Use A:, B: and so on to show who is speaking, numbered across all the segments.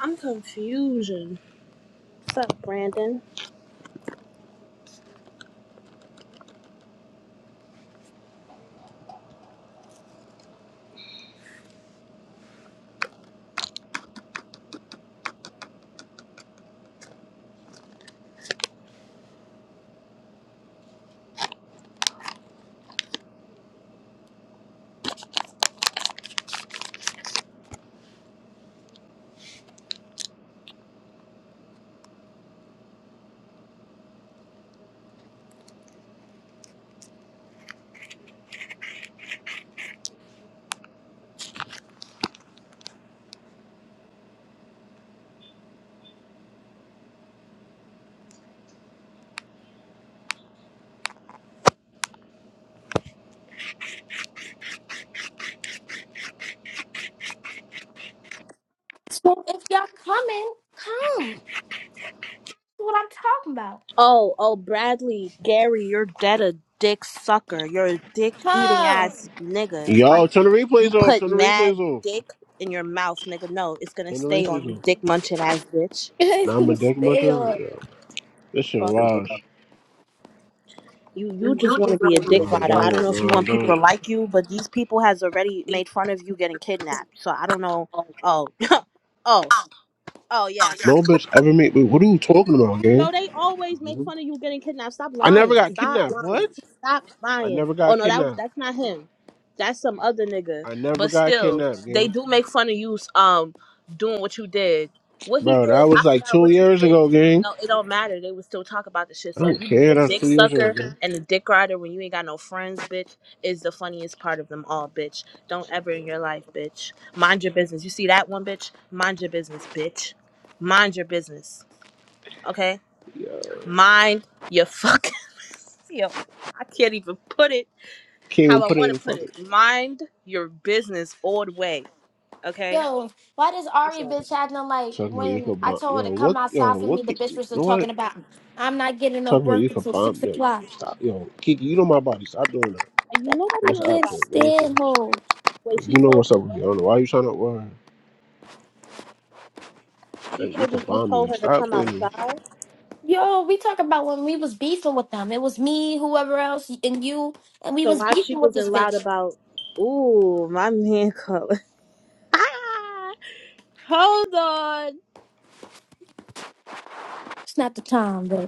A: I'm confusion. What's up, Brandon?
B: So if y'all coming, come. That's what I'm talking
A: Oh, oh, Bradley, Gary, you're dead a dick sucker. You're a dick eating
B: about.
A: ass nigga. Like
C: Yo, turn the
A: you
C: replays off.
A: put
C: Turn the replays
A: mad
C: off.
A: dick in your mouth, nigga. No, it's gonna
C: Turn the
A: stay
C: replays
A: on you,
C: off.
A: dick munching ass bitch.
C: Now I'm a
B: Come.
C: dick
B: Stay
C: muncher.
B: up.
C: Yo, this shit
A: Fuck.
C: wild.
A: You you just want to be a
C: No,
A: dick
C: I
A: rider. I don't
C: don't.
A: know if you
C: No, I
A: want people
C: don't.
A: to like you, but these people has already made fun of you getting kidnapped. So I don't know.
D: Oh,
A: Oh, oh, oh
D: oh,
A: yeah.
C: No bitch ever made. Wait, what are you talking about, gang?
A: Bro, they always
D: yeah.
A: make fun of you getting kidnapped. Stop
C: I never
A: lying.
C: got
A: Stop
C: kidnapped. What?
A: lying. Stop
C: I
A: lying.
C: never
A: Oh
C: got
A: no, that was
C: kidnapped.
A: that's not him. That's some other nigga.
C: I never
A: But
C: got
A: still,
C: kidnapped,
A: they
C: gang.
A: do make fun of you um doing what you did. What he
C: Bro, that
A: did, I
C: was like
A: forgot
C: two
A: what you
C: years
A: did.
C: ago, gang.
A: No, it don't matter. They would still talk about the shit.
C: I
A: So
C: don't
A: you being
C: care.
A: a
C: That was
A: dick
C: two years ago,
A: sucker
C: gang.
A: and a dick rider when you ain't got no friends, bitch, is the funniest part of them all, bitch. Don't ever in your life, bitch. Mind your business. You see that one, bitch? Mind your business, bitch. Mind your business. Okay?
C: Yo,
A: Mind your fucking yo. I can't even put it
C: can't
A: how
C: even
A: I
C: put it
A: want
C: in
A: to
C: the
A: put it.
C: fucking.
A: Mind your business all the way. Okay.
B: Yo, why does
A: I'm
B: Ari
A: sorry.
B: bitch acting like
C: Talking about you
B: when
C: could
B: I
C: bomb.
B: told her to
C: Yo,
B: come
C: what? Yo,
B: outside for me,
C: what?
B: the
C: could-
B: bitch
C: You
B: was
C: know what?
B: talking about I'm not getting enough
C: Talking about
B: work
C: you could
B: until
C: bomb.
B: six
C: Yo,
B: o'clock.
C: stop. Yo, Kiki, you know my body. Stop doing that.
A: And you
B: Like I,
A: nobody
C: But
B: I
C: it's
A: know your
B: can't
A: body, right?
C: option.
B: stand her.
A: Wait, she
C: You know
A: told
C: what's
A: you
C: up with
A: what?
C: me. I don't know why you trying to worry.
A: She
C: Like, you
A: told you
C: could
A: you
C: find me.
A: told
C: Like,
A: her to
C: stop
A: come
C: playing me.
A: outside.
B: Yo, we talk about when we was beefing with them. It was me, whoever else, and you, and we
A: So
B: was
A: why she
B: beefing with
A: wasn't
B: this
A: loud
B: bitch.
A: about? Ooh, my man color. Hold on.
B: It's not the time,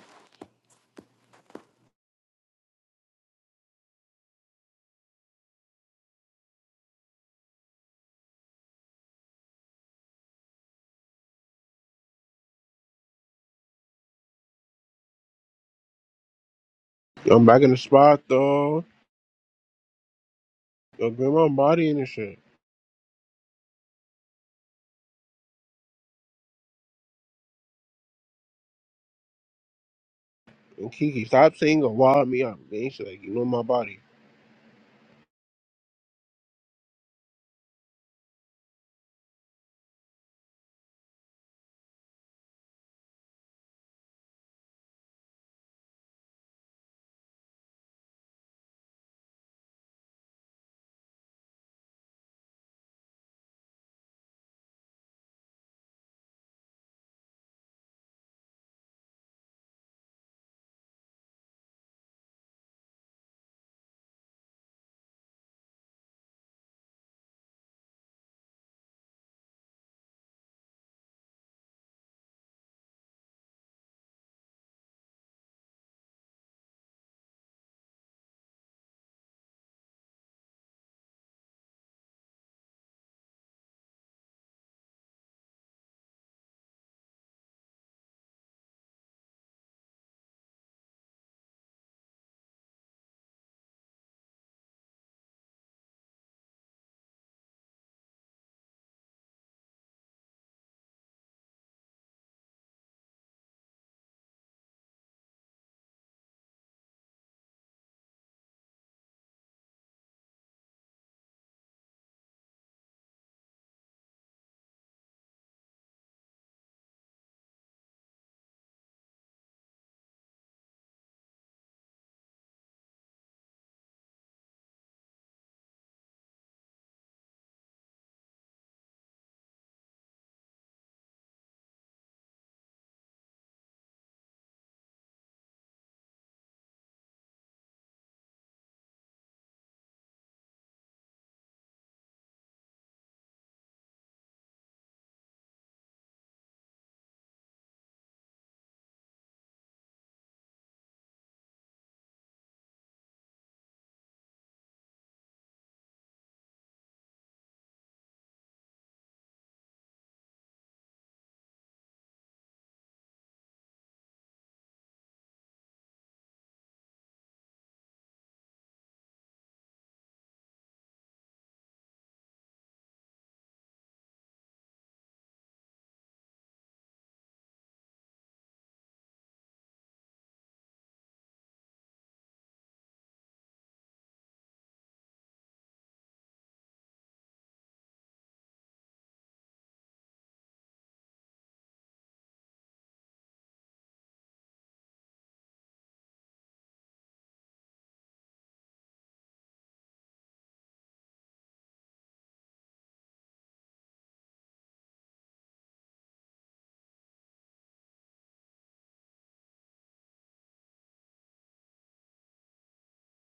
C: I'm back in the spot, though. Yo, grandma body and this shit. And Kiki, stop saying go wild me up. They ain't shit like, you know my body.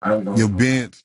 E: I don't know. Your bench.